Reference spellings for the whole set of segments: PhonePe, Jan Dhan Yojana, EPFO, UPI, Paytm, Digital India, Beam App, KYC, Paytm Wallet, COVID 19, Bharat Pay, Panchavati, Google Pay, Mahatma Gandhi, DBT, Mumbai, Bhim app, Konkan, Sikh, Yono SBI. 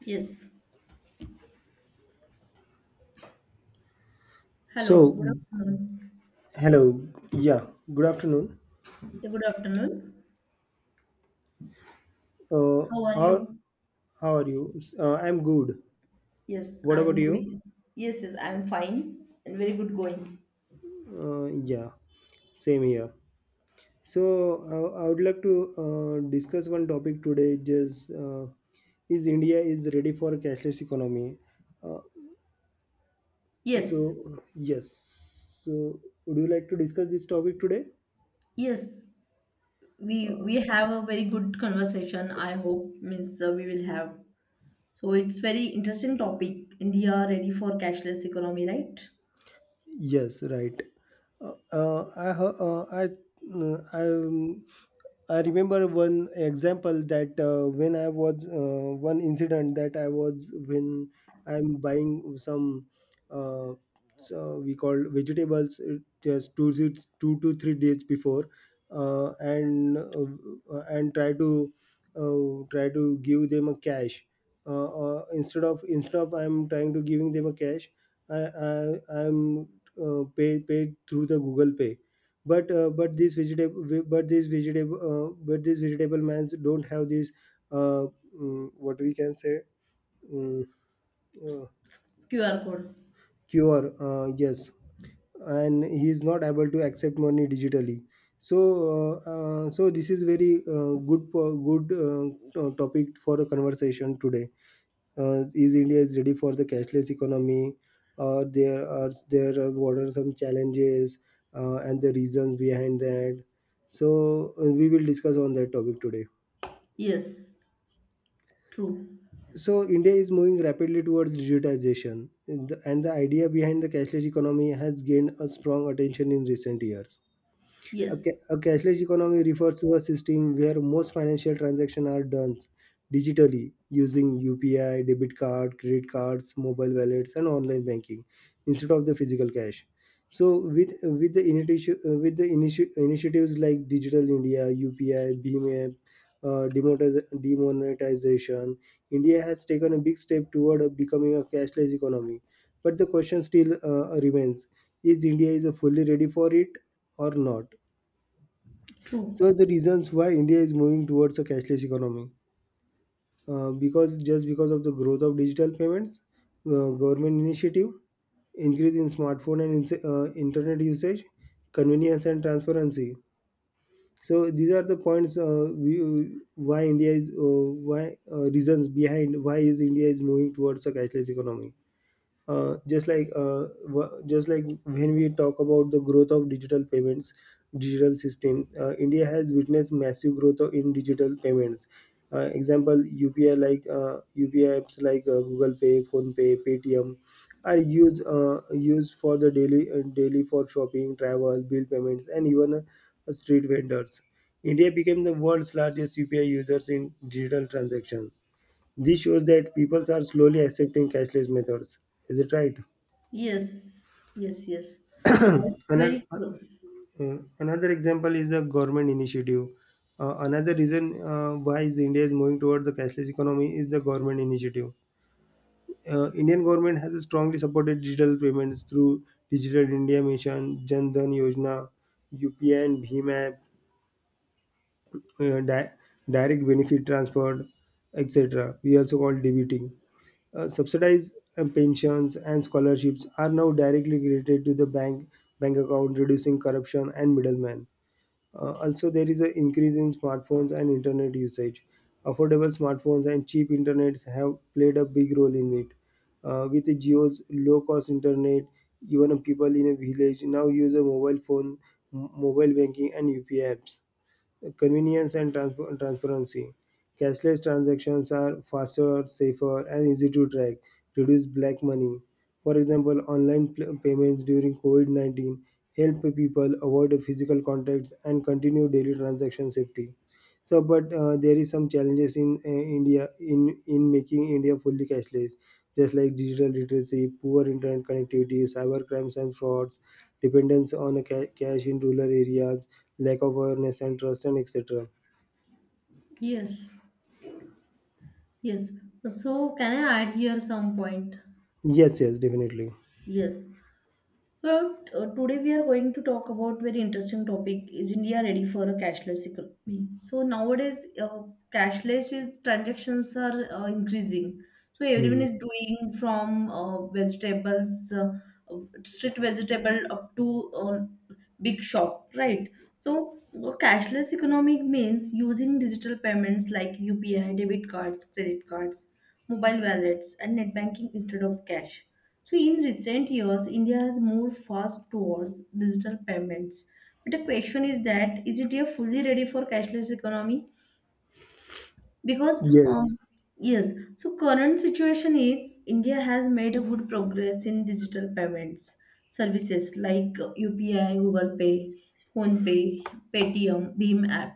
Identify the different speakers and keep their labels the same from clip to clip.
Speaker 1: Yes. Hello.
Speaker 2: So,
Speaker 1: Good afternoon.
Speaker 2: hello. Yeah, good afternoon.
Speaker 1: Yeah, good afternoon.
Speaker 2: Uh,
Speaker 1: How are
Speaker 2: how
Speaker 1: you?
Speaker 2: how are you? I'm good.
Speaker 1: Yes,
Speaker 2: What about
Speaker 1: I'm
Speaker 2: you?
Speaker 1: good. Yes, yes, I'm fine and very good going.
Speaker 2: Yeah, same here. So, I would like to discuss one topic today. Just, is India is ready for a cashless economy? Uh, so
Speaker 1: Yes.
Speaker 2: yes. So, would you like to discuss this topic today?
Speaker 1: Yes. We have a very good conversation. I hope means we will have. So it's very interesting topic. India ready for cashless economy, right?
Speaker 2: Yes, right. Uh, uh, I hea- uh, I mm, I um, I remember one example that when I was one incident that I was when I'm buying some, uh, so we call vegetables, just two to three days before, and try to give them a cash, instead of I'm trying to giving them a cash, I I'm paid through the Google Pay, but these vegetable mans don't have these, uh, what we can say, mm, uh,
Speaker 1: QR code.
Speaker 2: cure, yes, and he is not able to accept money digitally. So so this is very, good topic for a conversation today. Is India is ready for the cashless economy? There are what are some challenges, and the reasons behind that. So we will discuss on that topic today.
Speaker 1: Yes. True.
Speaker 2: So India is moving rapidly towards digitization, and the idea behind the cashless economy has gained a strong attention in recent years. A ca-
Speaker 1: Yes.
Speaker 2: a cashless economy refers to a system where most financial transactions are done digitally using UPI, debit card, credit cards, mobile wallets, and online banking instead of the physical cash. So, with with the initiatives like Digital India, UPI, Beam App, demonetization, India has taken a big step toward, becoming a cashless economy. But the question still, remains: is India is, fully ready for it or not?
Speaker 1: True.
Speaker 2: So the reasons why India is moving towards a cashless economy, because just because of the growth of digital payments, government initiative, increase in smartphone and internet usage, convenience and transparency. So these are the points, we, why India is why reasons behind why is India is moving towards a cashless economy, uh, just like uh, just like when we talk about the growth of digital payments digital system, India has witnessed massive growth in digital payments, example, UPI apps like, Google Pay, Phone Pay, Paytm are used for the daily for shopping, travel, bill payments, and even, street vendors. India became the world's largest UPI users in digital transactions. This shows that people are slowly accepting cashless methods. Is it right?
Speaker 1: Yes. Yes. Yes. Oh, it's
Speaker 2: another,
Speaker 1: very true.
Speaker 2: another example is the government initiative. Another reason, why is India is moving towards the cashless economy is the government initiative. Indian government has strongly supported digital payments through Digital India Mission, Jan Dhan Yojana, UPI and Bhim app, uh, di- direct benefit transfer, etc. We also call DBT. Subsidized, pensions and scholarships are now directly credited to the bank account, reducing corruption and middlemen. Also, there is an increase in smartphones and internet usage. Affordable smartphones and cheap internets have played a big role in it. With Geo's low-cost internet, even people in a village now use a mobile phone, mobile banking, and UPI apps. Convenience and transparency. Cashless transactions are faster, safer, and easy to track, reduce black money. For example, online payments during COVID 19 help people avoid physical contacts and continue daily transaction safety. So, but there is some challenges in, India in making India fully cashless, just like digital literacy, poor internet connectivity, cyber crimes and frauds, dependence on a cash in rural areas, lack of awareness and trust, and etc.
Speaker 1: Yes. Yes. So, can I add here some point?
Speaker 2: Yes, yes, definitely.
Speaker 1: Yes. Well, today we are going to talk about very interesting topic. Is India ready for a cashless economy? So nowadays, cashless is, transactions are increasing. So everyone
Speaker 2: Hmm.
Speaker 1: is doing from vegetables, uh, street vegetable up to big shop, right? So cashless economy means using digital payments like UPI, debit cards, credit cards, mobile wallets, and net banking instead of cash. So, in recent years, India has moved fast towards digital payments. But the question is that, is it a fully ready for cashless economy? Because
Speaker 2: Yes,
Speaker 1: yes, so current situation is India has made a good progress in digital payments. Services like UPI, Google Pay, Phone Pay, Paytm, Beam App,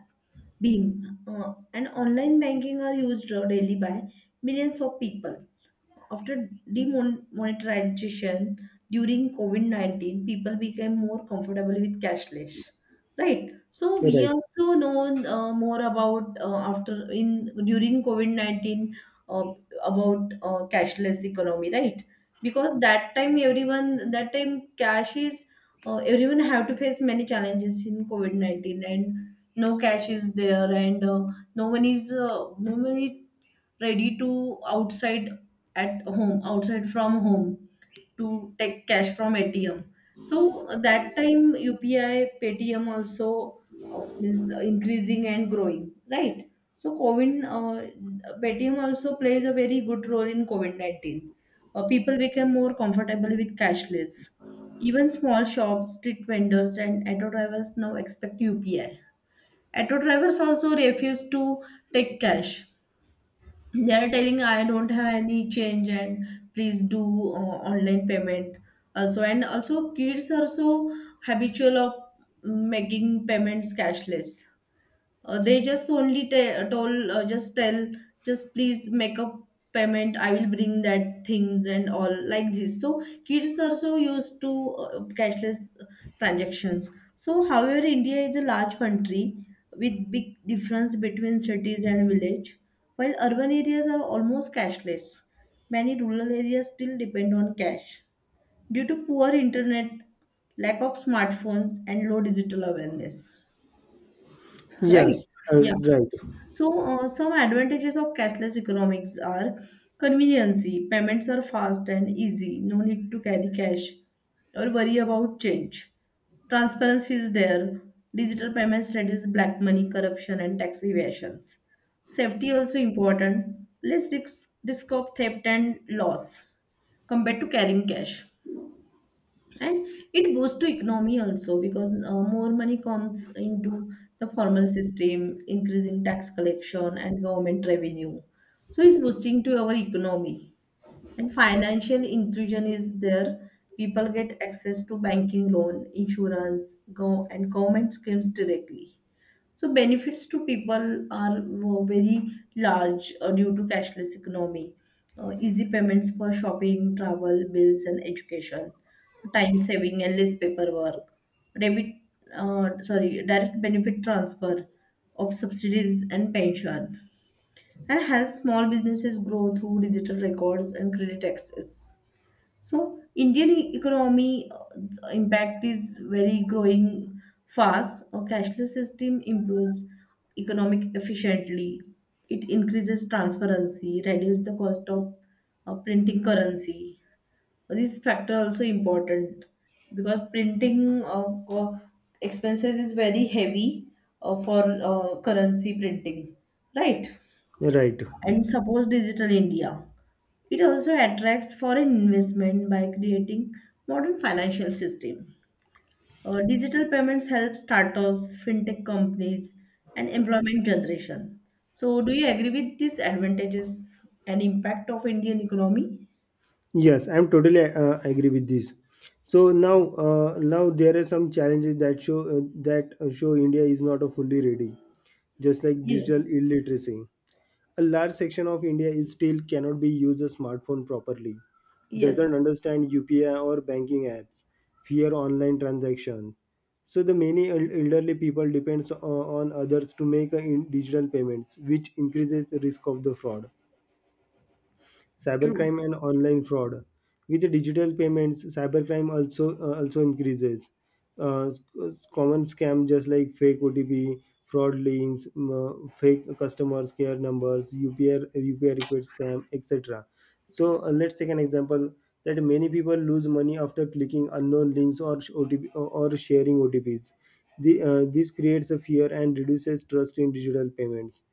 Speaker 1: Beam, and online banking are used daily by millions of people after demonetization. During COVID-19 people became more comfortable with cashless, right? So
Speaker 2: you're
Speaker 1: we
Speaker 2: right.
Speaker 1: also know more about after in during COVID-19 uh, about cashless economy, right? Because that time everyone, that time cash is, everyone have to face many challenges in COVID-19, and no cash is there, and no one is ready to outside at home, outside from home, to take cash from ATM. So that time UPI, Paytm also means increasing and growing, right? So COVID, Paytm also plays a very good role in COVID-19. People became more comfortable with cashless. Even small shops, street vendors, and auto drivers now expect UPI. Auto drivers also refuse to take cash. They are telling, I don't have any change and please do online payment. Also, and also kids are so habitual of making payments cashless. They just only told, just tell, just please make a payment. I will bring that things and all like this. So kids are so used to cashless transactions. So, however, India is a large country with big difference between cities and village. While urban areas are almost cashless, many rural areas still depend on cash due to poor internet, lack of smartphones, and low digital awareness. Right?
Speaker 2: Yes, uh,
Speaker 1: Yeah.
Speaker 2: right,
Speaker 1: So, some advantages of cashless economics are conveniency. Payments are fast and easy. No need to carry cash or worry about change. Transparency is there. Digital payments reduce black money, corruption, and tax evasions. Safety also important. Less risk, risk of theft and loss compared to carrying cash, and it boosts to economy also because more money comes into the formal system, increasing tax collection and government revenue. So it's boosting to our economy, and financial inclusion is there. People get access to banking, loan, insurance, go and government schemes directly. So benefits to people are very large due to cashless economy. Easy payments for shopping, travel, bills, and education, time saving and less paperwork, debit, sorry, direct benefit transfer of subsidies and pension, and help small businesses grow through digital records and credit access. So Indian economy impact is very growing fast. A cashless system improves economic efficiently. It increases transparency, reduces the cost of printing currency. This factor also important because printing co- expenses is very heavy for currency printing, right?
Speaker 2: right.
Speaker 1: And suppose digital India, it also attracts foreign investment by creating modern financial system. Digital payments help startups, fintech companies, and employment generation. So do you agree with these advantages and impact of Indian economy?
Speaker 2: Yes, I'm totally, agree with this. So now, now there are some challenges that show, that show India is not a fully ready, just like
Speaker 1: Yes,
Speaker 2: digital illiteracy. A large section of India is still cannot be use a smartphone properly,
Speaker 1: yes,
Speaker 2: doesn't understand UPI or banking apps, fear online transactions. So the many elderly people depends on others to make, digital payments, which increases the risk of the fraud,
Speaker 1: true.
Speaker 2: cybercrime, and online fraud. With the digital payments, cybercrime also increases. Uh, s- Common scam just like fake OTP, fraud links, fake customers care numbers, UPI request scam, etc. So let's take an example that many people lose money after clicking unknown links or OTP or sharing OTPs. This creates a fear and reduces trust in digital payments.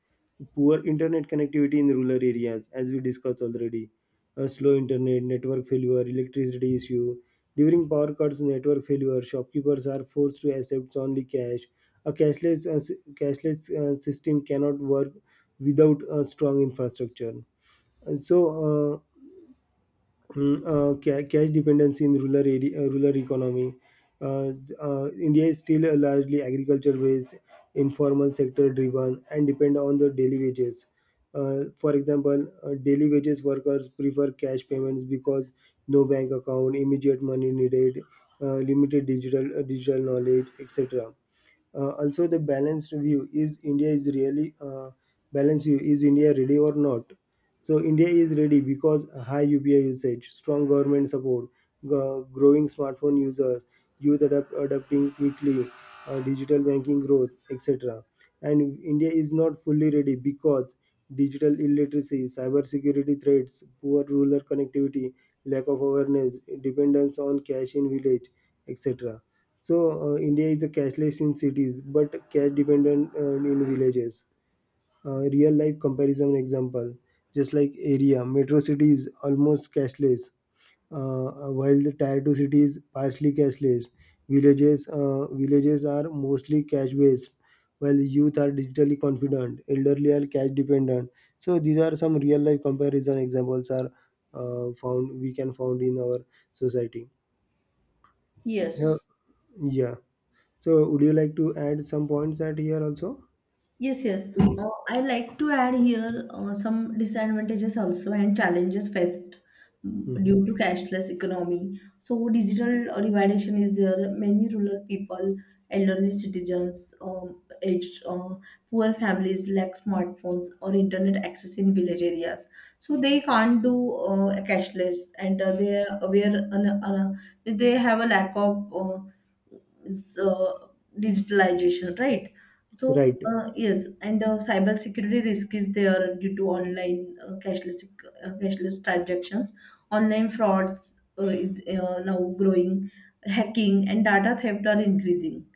Speaker 2: Poor internet connectivity in rural areas, as we discussed already. A slow internet, network failure, electricity issue. During power cuts, network failure, shopkeepers are forced to accept only cash. A cashless system cannot work without a strong infrastructure. And so, uh, cash dependency in rural area, rural economy. Uh, India is still a largely agriculture-based, informal sector-driven, and depend on the daily wages. For example, daily wages workers prefer cash payments because no bank account, immediate money needed, limited digital knowledge, etc. Also, the balanced view is india is really balanced view is India ready or not? So India is ready because high UPI usage, strong government support, growing smartphone users, youth adapting quickly, digital banking growth, etc. And India is not fully ready because digital illiteracy, cyber security threats, poor rural connectivity, lack of awareness, dependence on cash in village, etc. So, India is a cashless in cities, but cash dependent, in villages. Real life comparison example, just like area, metro city is almost cashless, while the tier two city is partially cashless. Villages are mostly cash based, while youth are digitally confident, elderly are cash dependent. So these are some real life comparison examples are, found we can found in our society. Yeah.
Speaker 1: Yes.
Speaker 2: Yeah. So would you like to add some points that here also?
Speaker 1: Yes, yes. I like to add here some disadvantages also and challenges faced
Speaker 2: Hmm.
Speaker 1: due to cashless economy. So digital dividation is there. Many rural people, elderly citizens, aged, poor families lack smartphones or internet access in village areas. So they can't do a cashless, and they are aware, they have a lack of. S- uh, Digitalization, right? So
Speaker 2: Right.
Speaker 1: yes, and cyber security risk is there due to online cashless transactions. Online frauds is now growing, hacking and data theft are increasing.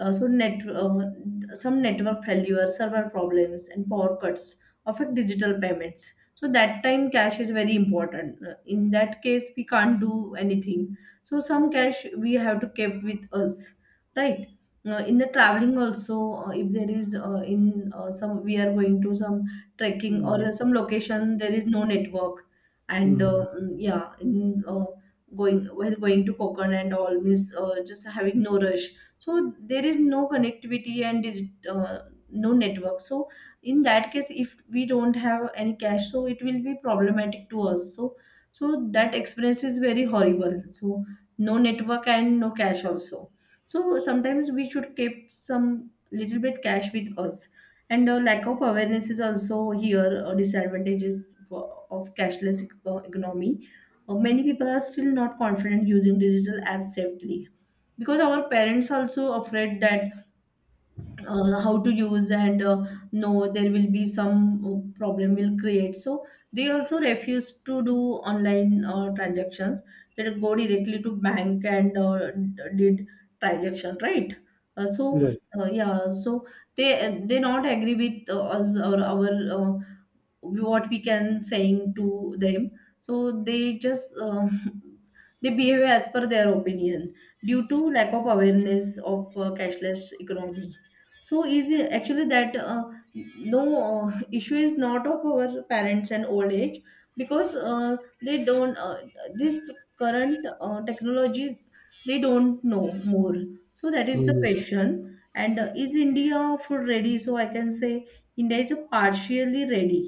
Speaker 1: So net some network failure, server problems, and power cuts affect digital payments. So that time cash is very important. In that case, we can't do anything. So some cash we have to keep with us, right? In the traveling also, if there is in some we are going to some trekking or some location there is no network, and
Speaker 2: Hmm.
Speaker 1: yeah, in going, while going to Konkan and all means just having no rush, so there is no connectivity and no network. So in that case if we don't have any cash, so it will be problematic to us. So that experience is very horrible. So no network and no cash also. So sometimes we should keep some little bit cash with us. And lack of awareness is also here disadvantages for, of cashless economy. Many people are still not confident using digital apps safely, because our parents also afraid that how to use, and no there will be some problem will create. So they also refuse to do online transactions. They go directly to bank and did transaction, right? uh, so
Speaker 2: Right.
Speaker 1: yeah. So they not agree with us or our, uh, what we can saying to them. So they just they behave as per their opinion due to lack of awareness of cashless economy. So is it actually that no, issue is not of our parents and old age, because they don't this current technology, they don't know more. So that is the
Speaker 2: Hmm.
Speaker 1: question. And is India food ready? So I can say India is partially ready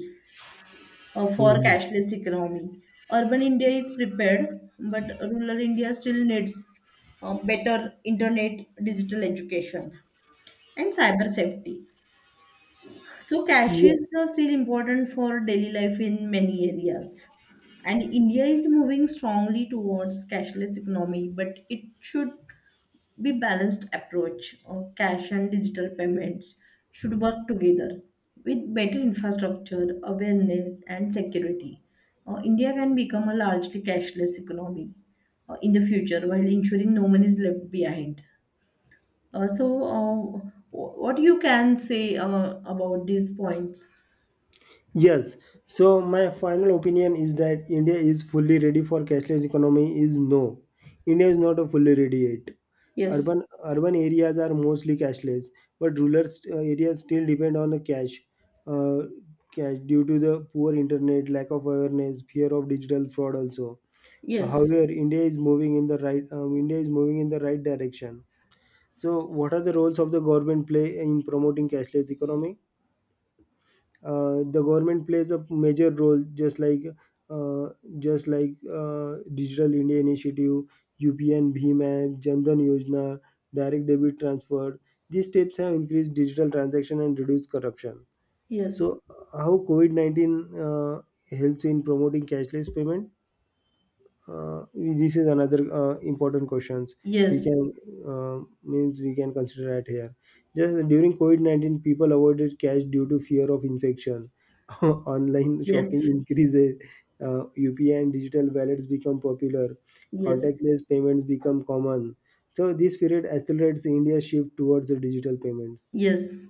Speaker 1: for
Speaker 2: Hmm.
Speaker 1: cashless economy. Urban India is prepared, but rural India still needs better internet, digital education, and cyber safety. So, cash
Speaker 2: Yes.
Speaker 1: is still important for daily life in many areas. And India is moving strongly towards cashless economy, but it should be balanced approach or cash and digital payments should work together with better infrastructure, awareness and security. India can become a largely cashless economy in the future while ensuring no one is left behind. Uh, so uh, what you can say about these points?
Speaker 2: Yes. So my final opinion is that India is fully ready for cashless economy is no. India is not a fully ready yet.
Speaker 1: Yes,
Speaker 2: Urban areas are mostly cashless, but rural areas still depend on the cash. Uh, Cash due to the poor internet, lack of awareness, fear of digital fraud also.
Speaker 1: yes,
Speaker 2: However, India is moving in the right direction. So, what are the roles of the government play in promoting cashless economy? The government plays a major role, uh, just like Digital India Initiative, UPN, Bhim app, Jan Dhan Yojana, direct debit transfer. These steps have increased digital transaction and reduced corruption. So,
Speaker 1: yes,
Speaker 2: how COVID 19, helps in promoting cashless payment? This is another, important questions we
Speaker 1: yes,
Speaker 2: can we can consider at here. Just during covid-19, people avoided cash due to fear of infection. Online
Speaker 1: yes,
Speaker 2: shopping increases. uh, UPI and digital wallets become popular.
Speaker 1: yes,
Speaker 2: Contactless payments become common. So this period accelerates India's shift towards the digital payment.
Speaker 1: yes.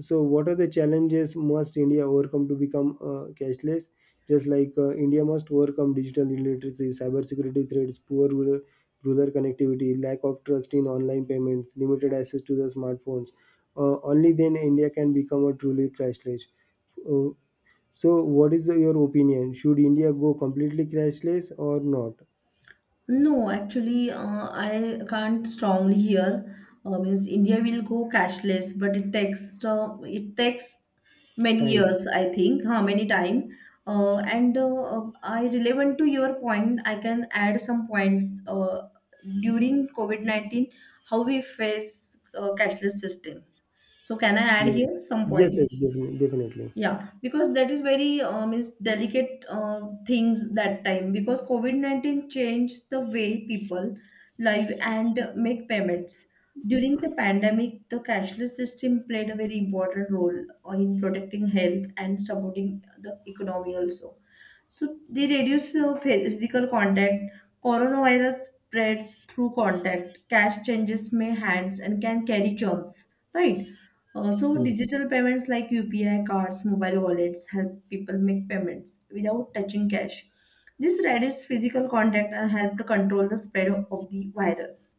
Speaker 2: So, what are the challenges must India overcome to become, cashless? Just like India must overcome digital illiteracy, cybersecurity threats, rural connectivity, lack of trust in online payments, limited access to the smartphones. Only then India can become a truly cashless. Uh, so, what is your opinion? Should India go completely cashless or not?
Speaker 1: No, actually, I can't strongly hear. Means India will go cashless, but it takes many
Speaker 2: Time.
Speaker 1: years, I think. How many time? And I relevant to your point. I can add some points. During COVID-19, how we face cashless system. So can I add
Speaker 2: Yeah.
Speaker 1: here some
Speaker 2: Yes, yes,
Speaker 1: points?
Speaker 2: definitely. Definitely.
Speaker 1: Yeah, because that is very means delicate things that time, because COVID-19 changed the way people live and make payments. During the pandemic, the cashless system played a very important role in protecting health and supporting the economy also. So they reduce physical contact. Coronavirus spreads through contact. Cash changes may hands and can carry germs, right? So
Speaker 2: Right.
Speaker 1: digital payments like UPI cards, mobile wallets help people make payments without touching cash. This reduces physical contact and help to control the spread of the virus.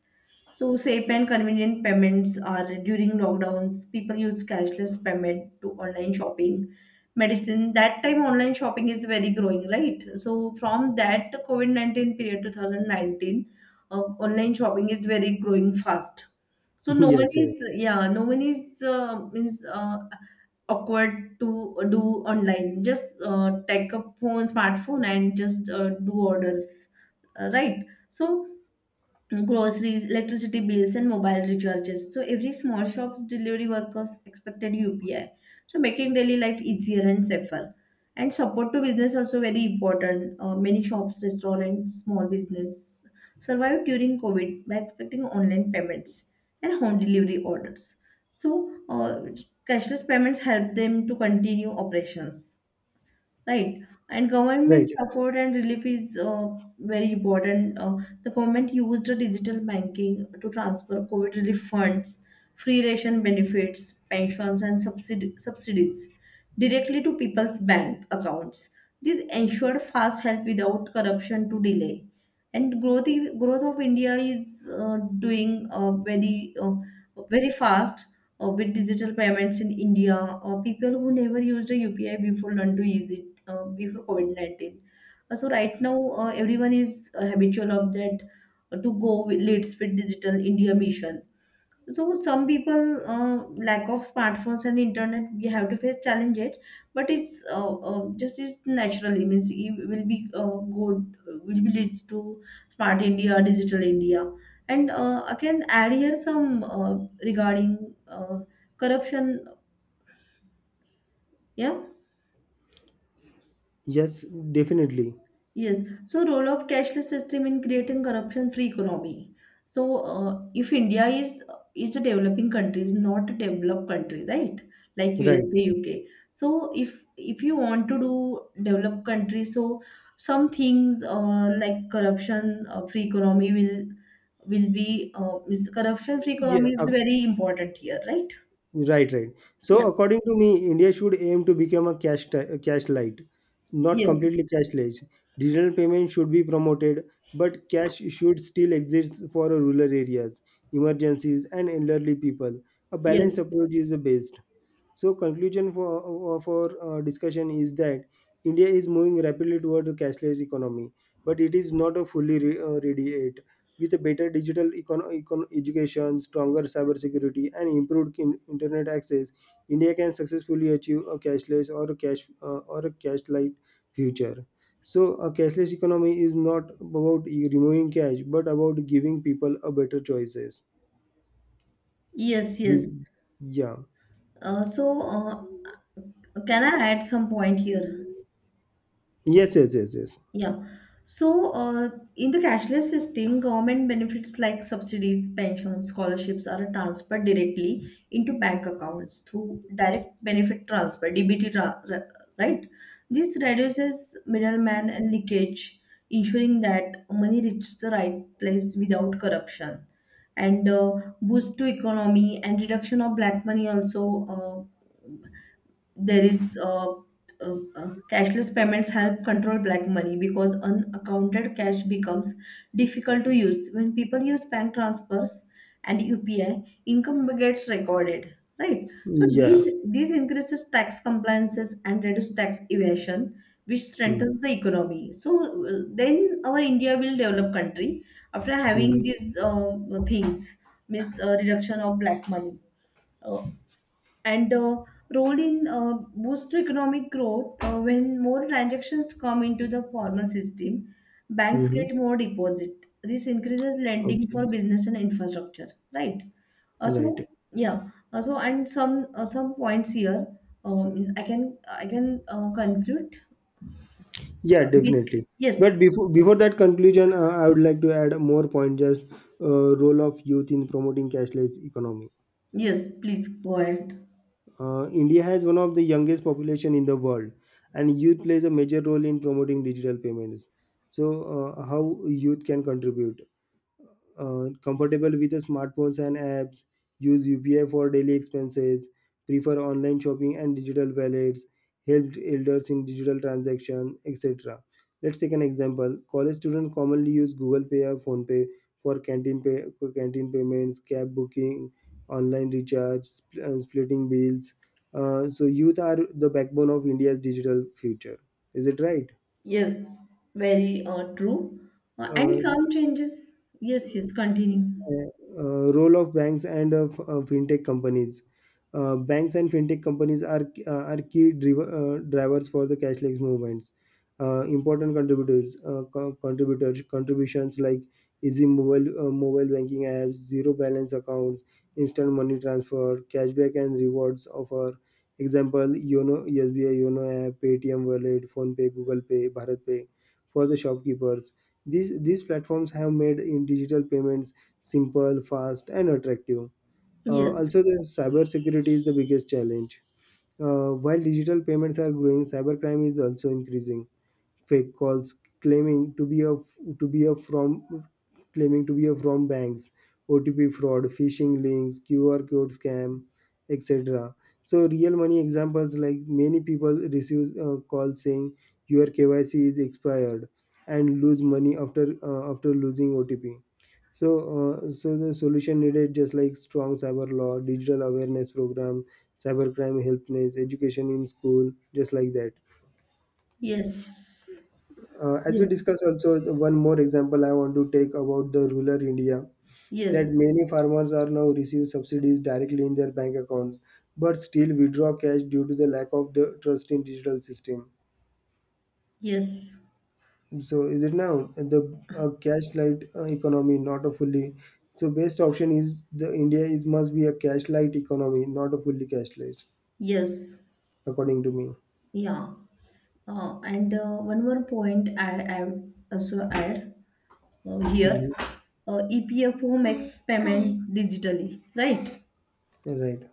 Speaker 1: So safe and convenient payments are during lockdowns. People use cashless payment to online shopping, medicine. That time online shopping is very growing, right? So from that COVID-19 period, 2019, uh, online shopping is very growing fast. So no one
Speaker 2: Yes, yes.
Speaker 1: is, yeah, no one is means awkward to do online. Just take a phone, smartphone, and just do orders, right? So groceries, electricity bills, and mobile recharges. So every small shop's delivery workers expected UPI. So making daily life easier and safer. And support to business also very important. Many shops, restaurants, small business survived during COVID by expecting online payments and home delivery orders. So cashless payments help them to continue operations. Right. And
Speaker 2: Right.
Speaker 1: government support and relief is very important. The government used the digital banking to transfer COVID relief funds, free ration benefits, pensions, and subsidies directly to people's bank accounts. This ensured fast help without corruption to delay. And growth, growth of India is doing very fast with digital payments in India, or people who never used a UPI before learn to use it before COVID-19. So right now, everyone is habitual of that, to go with leads with digital India mission. So some people, lack of smartphones and internet, we have to face challenge it, but it's just it's naturally means it will be good, will be leads to smart india digital india. And I can add here some, regarding corruption, yeah.
Speaker 2: Yes, definitely.
Speaker 1: Yes. So role of cashless system in creating corruption-free economy. So if India is a developing country, is not a developed country, right? Like
Speaker 2: Right.
Speaker 1: USA, UK. So if you want to do developed country, so some things like corruption free economy will be corruption free
Speaker 2: Yeah,
Speaker 1: economy is very important here, right?
Speaker 2: right, right. So
Speaker 1: Yeah.
Speaker 2: according to me, India should aim to become a cash light, not
Speaker 1: Yes.
Speaker 2: completely cashless. Digital payment should be promoted, but cash should still exist for rural areas, emergencies, and elderly people. A balanced
Speaker 1: Yes.
Speaker 2: approach is the best. So conclusion for of our, discussion is that India is moving rapidly toward a cashless economy but it is not a fully radiate. With a better digital education, stronger cybersecurity, and improved internet access, India can successfully achieve a cashless or a cash light future. So, a cashless economy is not about removing cash, but about giving people a better choices.
Speaker 1: Yes.
Speaker 2: This,
Speaker 1: Yes.
Speaker 2: yeah.
Speaker 1: Uh, so uh, can I add some point here?
Speaker 2: Yes. Yes. Yes. Yes.
Speaker 1: Yeah. So, in the cashless system, government benefits like subsidies, pensions, scholarships are transferred directly into bank accounts through direct benefit transfer (DBT), right? This reduces middleman and leakage, ensuring that money reaches the right place without corruption, and boost to economy and reduction of black money also. Uh, there is Cashless payments help control black money because unaccounted cash becomes difficult to use when people use bank transfers, and upi income gets recorded, right? So
Speaker 2: Yeah.
Speaker 1: these increases tax compliances and reduce tax evasion, which
Speaker 2: Mm-hmm.
Speaker 1: strengthens the economy. So then our india will develop country after having
Speaker 2: Mm-hmm.
Speaker 1: these things, means reduction of black money, uh, and role in boost to economic growth. When more transactions come into the formal system, banks
Speaker 2: Mm-hmm.
Speaker 1: get more deposit. This increases lending
Speaker 2: Okay.
Speaker 1: for business and infrastructure, right? uh,
Speaker 2: Right.
Speaker 1: so yeah. So and some, some points here, I can conclude
Speaker 2: Yeah,
Speaker 1: with,
Speaker 2: definitely.
Speaker 1: yes.
Speaker 2: But before that conclusion, I would like to add more point. Just Role of youth in promoting cashless economy.
Speaker 1: Yes, please go ahead.
Speaker 2: India has one of the youngest population in the world, and youth plays a major role in promoting digital payments. So, how youth can contribute? Comfortable with the smartphones and apps, use UPI for daily expenses, prefer online shopping and digital wallets, helped elders in digital transaction, etc. Let's take an example. College students commonly use Google Pay or PhonePe for canteen pay, for canteen payments, cab booking, online recharge, splitting bills. So youth are the backbone of India's digital future. Is it right?
Speaker 1: Yes, very true. And
Speaker 2: Uh,
Speaker 1: some changes, yes. Yes, continue.
Speaker 2: Role of banks and of fintech companies. Banks and fintech companies are key driver, drivers for the cashless movements. Important contributors contributors contributions like easy mobile mobile banking apps, zero balance accounts, instant money transfer, cashback and rewards offer. Example: Yono SBI, Yono app, Paytm Wallet, Phone Pay, Google Pay, Bharat Pay, for the shopkeepers. These platforms have made in digital payments simple, fast, and attractive. Uh,
Speaker 1: Yes.
Speaker 2: also, the cybersecurity is the biggest challenge. While digital payments are growing, cybercrime is also increasing. Fake calls claiming to be a from claiming to be a from banks, OTP fraud, phishing links, QR code scam, etc. So, real money examples like many people receive calls saying your KYC is expired and lose money after after losing OTP. So, so the solution needed just like strong cyber law, digital awareness program, cybercrime helpness, education in school, just like that.
Speaker 1: Yes.
Speaker 2: As we
Speaker 1: Yes,
Speaker 2: discussed also, the one more example I want to take about the rural India that
Speaker 1: yes,
Speaker 2: many farmers are now receive subsidies directly in their bank accounts, but still withdraw cash due to the lack of the trust in digital system.
Speaker 1: yes,
Speaker 2: So is it now the a cash light economy, not a fully. So best option is the India is must be a cash light economy, not a fully cash light,
Speaker 1: yes,
Speaker 2: according to me.
Speaker 1: yeah. S- and One more point I would also add here.
Speaker 2: Mhm.
Speaker 1: EPFO makes payment digitally, right?
Speaker 2: Right,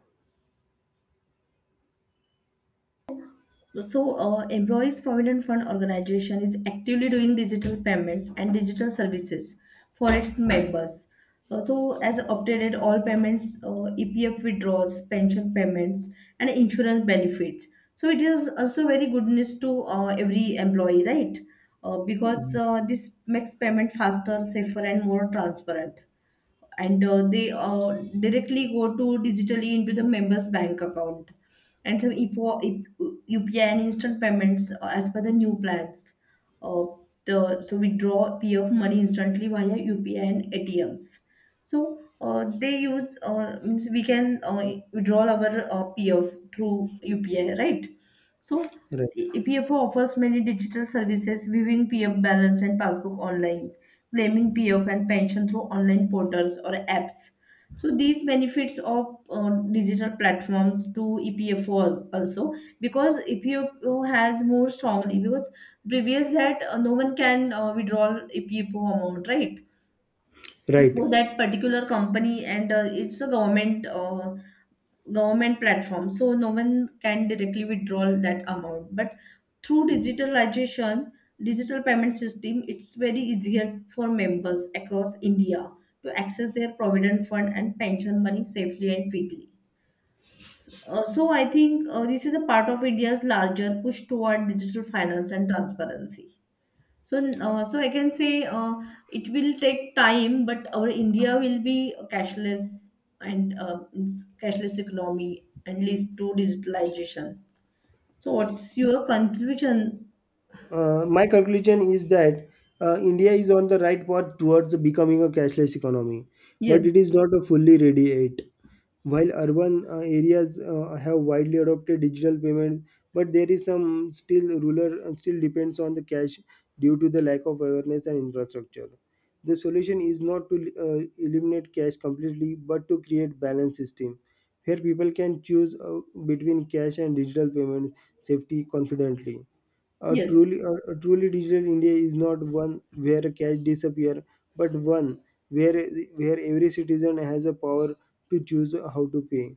Speaker 1: So, Employees Provident Fund organization is actively doing digital payments and digital services for its members. So, as updated, all payments, EPF withdrawals, pension payments, and insurance benefits. So, it is also very good news to every employee, right? Because this makes payment faster, safer, and more transparent, and they directly go to digitally into the member's bank account, and some EPO, UPI and instant payments, as per the new plans. Uh, so we draw PF money instantly via UPI and ATMs. So they use means we can withdraw our PF through UPI, right? So
Speaker 2: right,
Speaker 1: PFO offers many digital services, viewing PF balance and passbook online, claiming PF and pension through online portals or apps. So these benefits of digital platforms to EPFO also, because EPFO has more strongly, because previous that no one can withdraw EPFO amount, right?
Speaker 2: right.
Speaker 1: So that particular company and it's a government platform, so no one can directly withdraw that amount. But through digitalization, digital payment system, it's very easier for members across india to access their provident fund and pension money safely and quickly. So I think this is a part of india's larger push toward digital finance and transparency. So, so I can say, it will take time, but our India will be cashless, and it's cashless economy and leads to digitalization. So, what's your conclusion?
Speaker 2: My conclusion is that India is on the right path towards becoming a cashless economy, but it
Speaker 1: Yes,
Speaker 2: is not a fully ready yet. While urban areas have widely adopted digital payment, but there is some still rural and still depends on the cash due to the lack of awareness and infrastructure. The solution is not to eliminate cash completely, but to create balance system where people can choose between cash and digital payment safety confidently. A
Speaker 1: yes,
Speaker 2: truly, a truly digital India is not one where cash disappear, but one where where every citizen has a power to choose how to pay.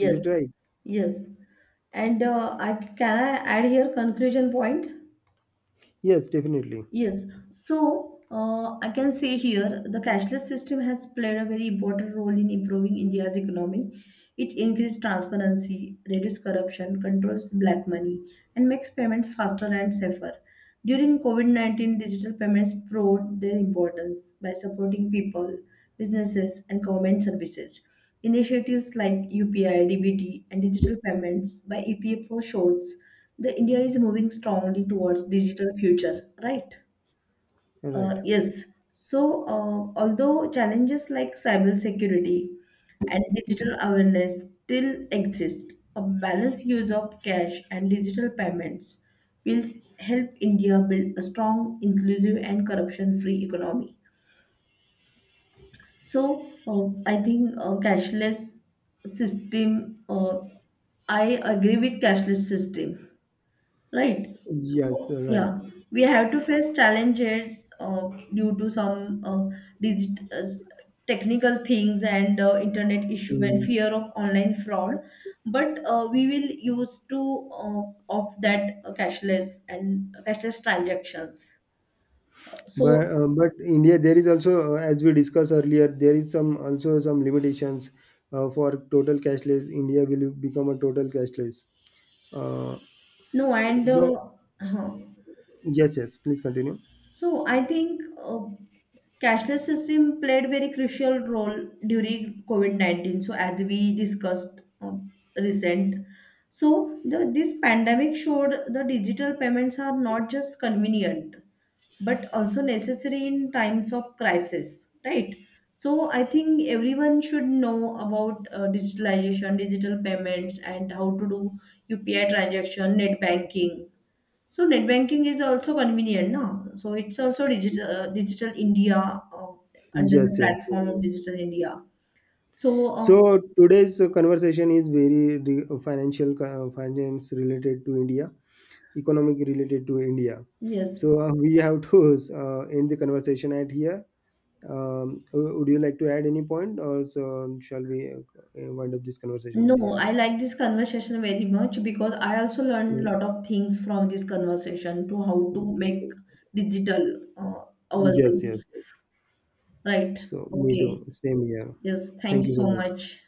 Speaker 2: Is it right?
Speaker 1: yes. And I add here conclusion point?
Speaker 2: Yes, definitely.
Speaker 1: Yes, so I can say here the cashless system has played a very important role in improving India's economy. It increased transparency, reduced corruption, controls black money, and makes payments faster and safer. During COVID COVID-19, digital payments proved their importance by supporting people, businesses, and government services. Initiatives like UPI, DBT, and digital payments by EPFO shows the India is moving strongly towards digital future, right?
Speaker 2: Right.
Speaker 1: Yes. So, although challenges like cybersecurity and digital awareness still exist, a balanced use of cash and digital payments will help India build a strong, inclusive, and corruption-free economy. So, I think cashless system. I agree with cashless system, right?
Speaker 2: Yes,
Speaker 1: So
Speaker 2: right.
Speaker 1: yeah, we have to face challenges due to some, digit uh, s- technical things and internet issue and
Speaker 2: Mm.
Speaker 1: fear of online fraud. But we will use to of that, cashless and cashless transactions. So
Speaker 2: But India, there is also, as we discussed earlier, there is some also some limitations for total cashless. India will become a total cashless. Uh,
Speaker 1: no, and
Speaker 2: so
Speaker 1: huh.
Speaker 2: yes, yes. Please continue.
Speaker 1: So I think cashless system played very crucial role during COVID-19. So as we discussed recent, so this pandemic showed the digital payments are not just convenient but also necessary in times of crisis, right? So I think everyone should know about digitalization, digital payments, and how to do UPI transaction, net banking. So net banking is also convenient, no? So it's also digital, Digital India, under the
Speaker 2: Yes, yes.
Speaker 1: platform of Digital India. So uh,
Speaker 2: So today's conversation is very finance related to India, economic related to India.
Speaker 1: yes,
Speaker 2: So we have to end the conversation at here. Would you like to add any point, or so shall we wind up this conversation at
Speaker 1: no,
Speaker 2: here?
Speaker 1: I like this conversation very much, because I also learned a
Speaker 2: Mm.
Speaker 1: lot of things from this conversation to how to make digital
Speaker 2: Yes, yes.
Speaker 1: ourselves. Right.
Speaker 2: So me
Speaker 1: Okay.
Speaker 2: too. Same here.
Speaker 1: Yes. Thank
Speaker 2: Thank
Speaker 1: you
Speaker 2: you so
Speaker 1: so
Speaker 2: much.
Speaker 1: much.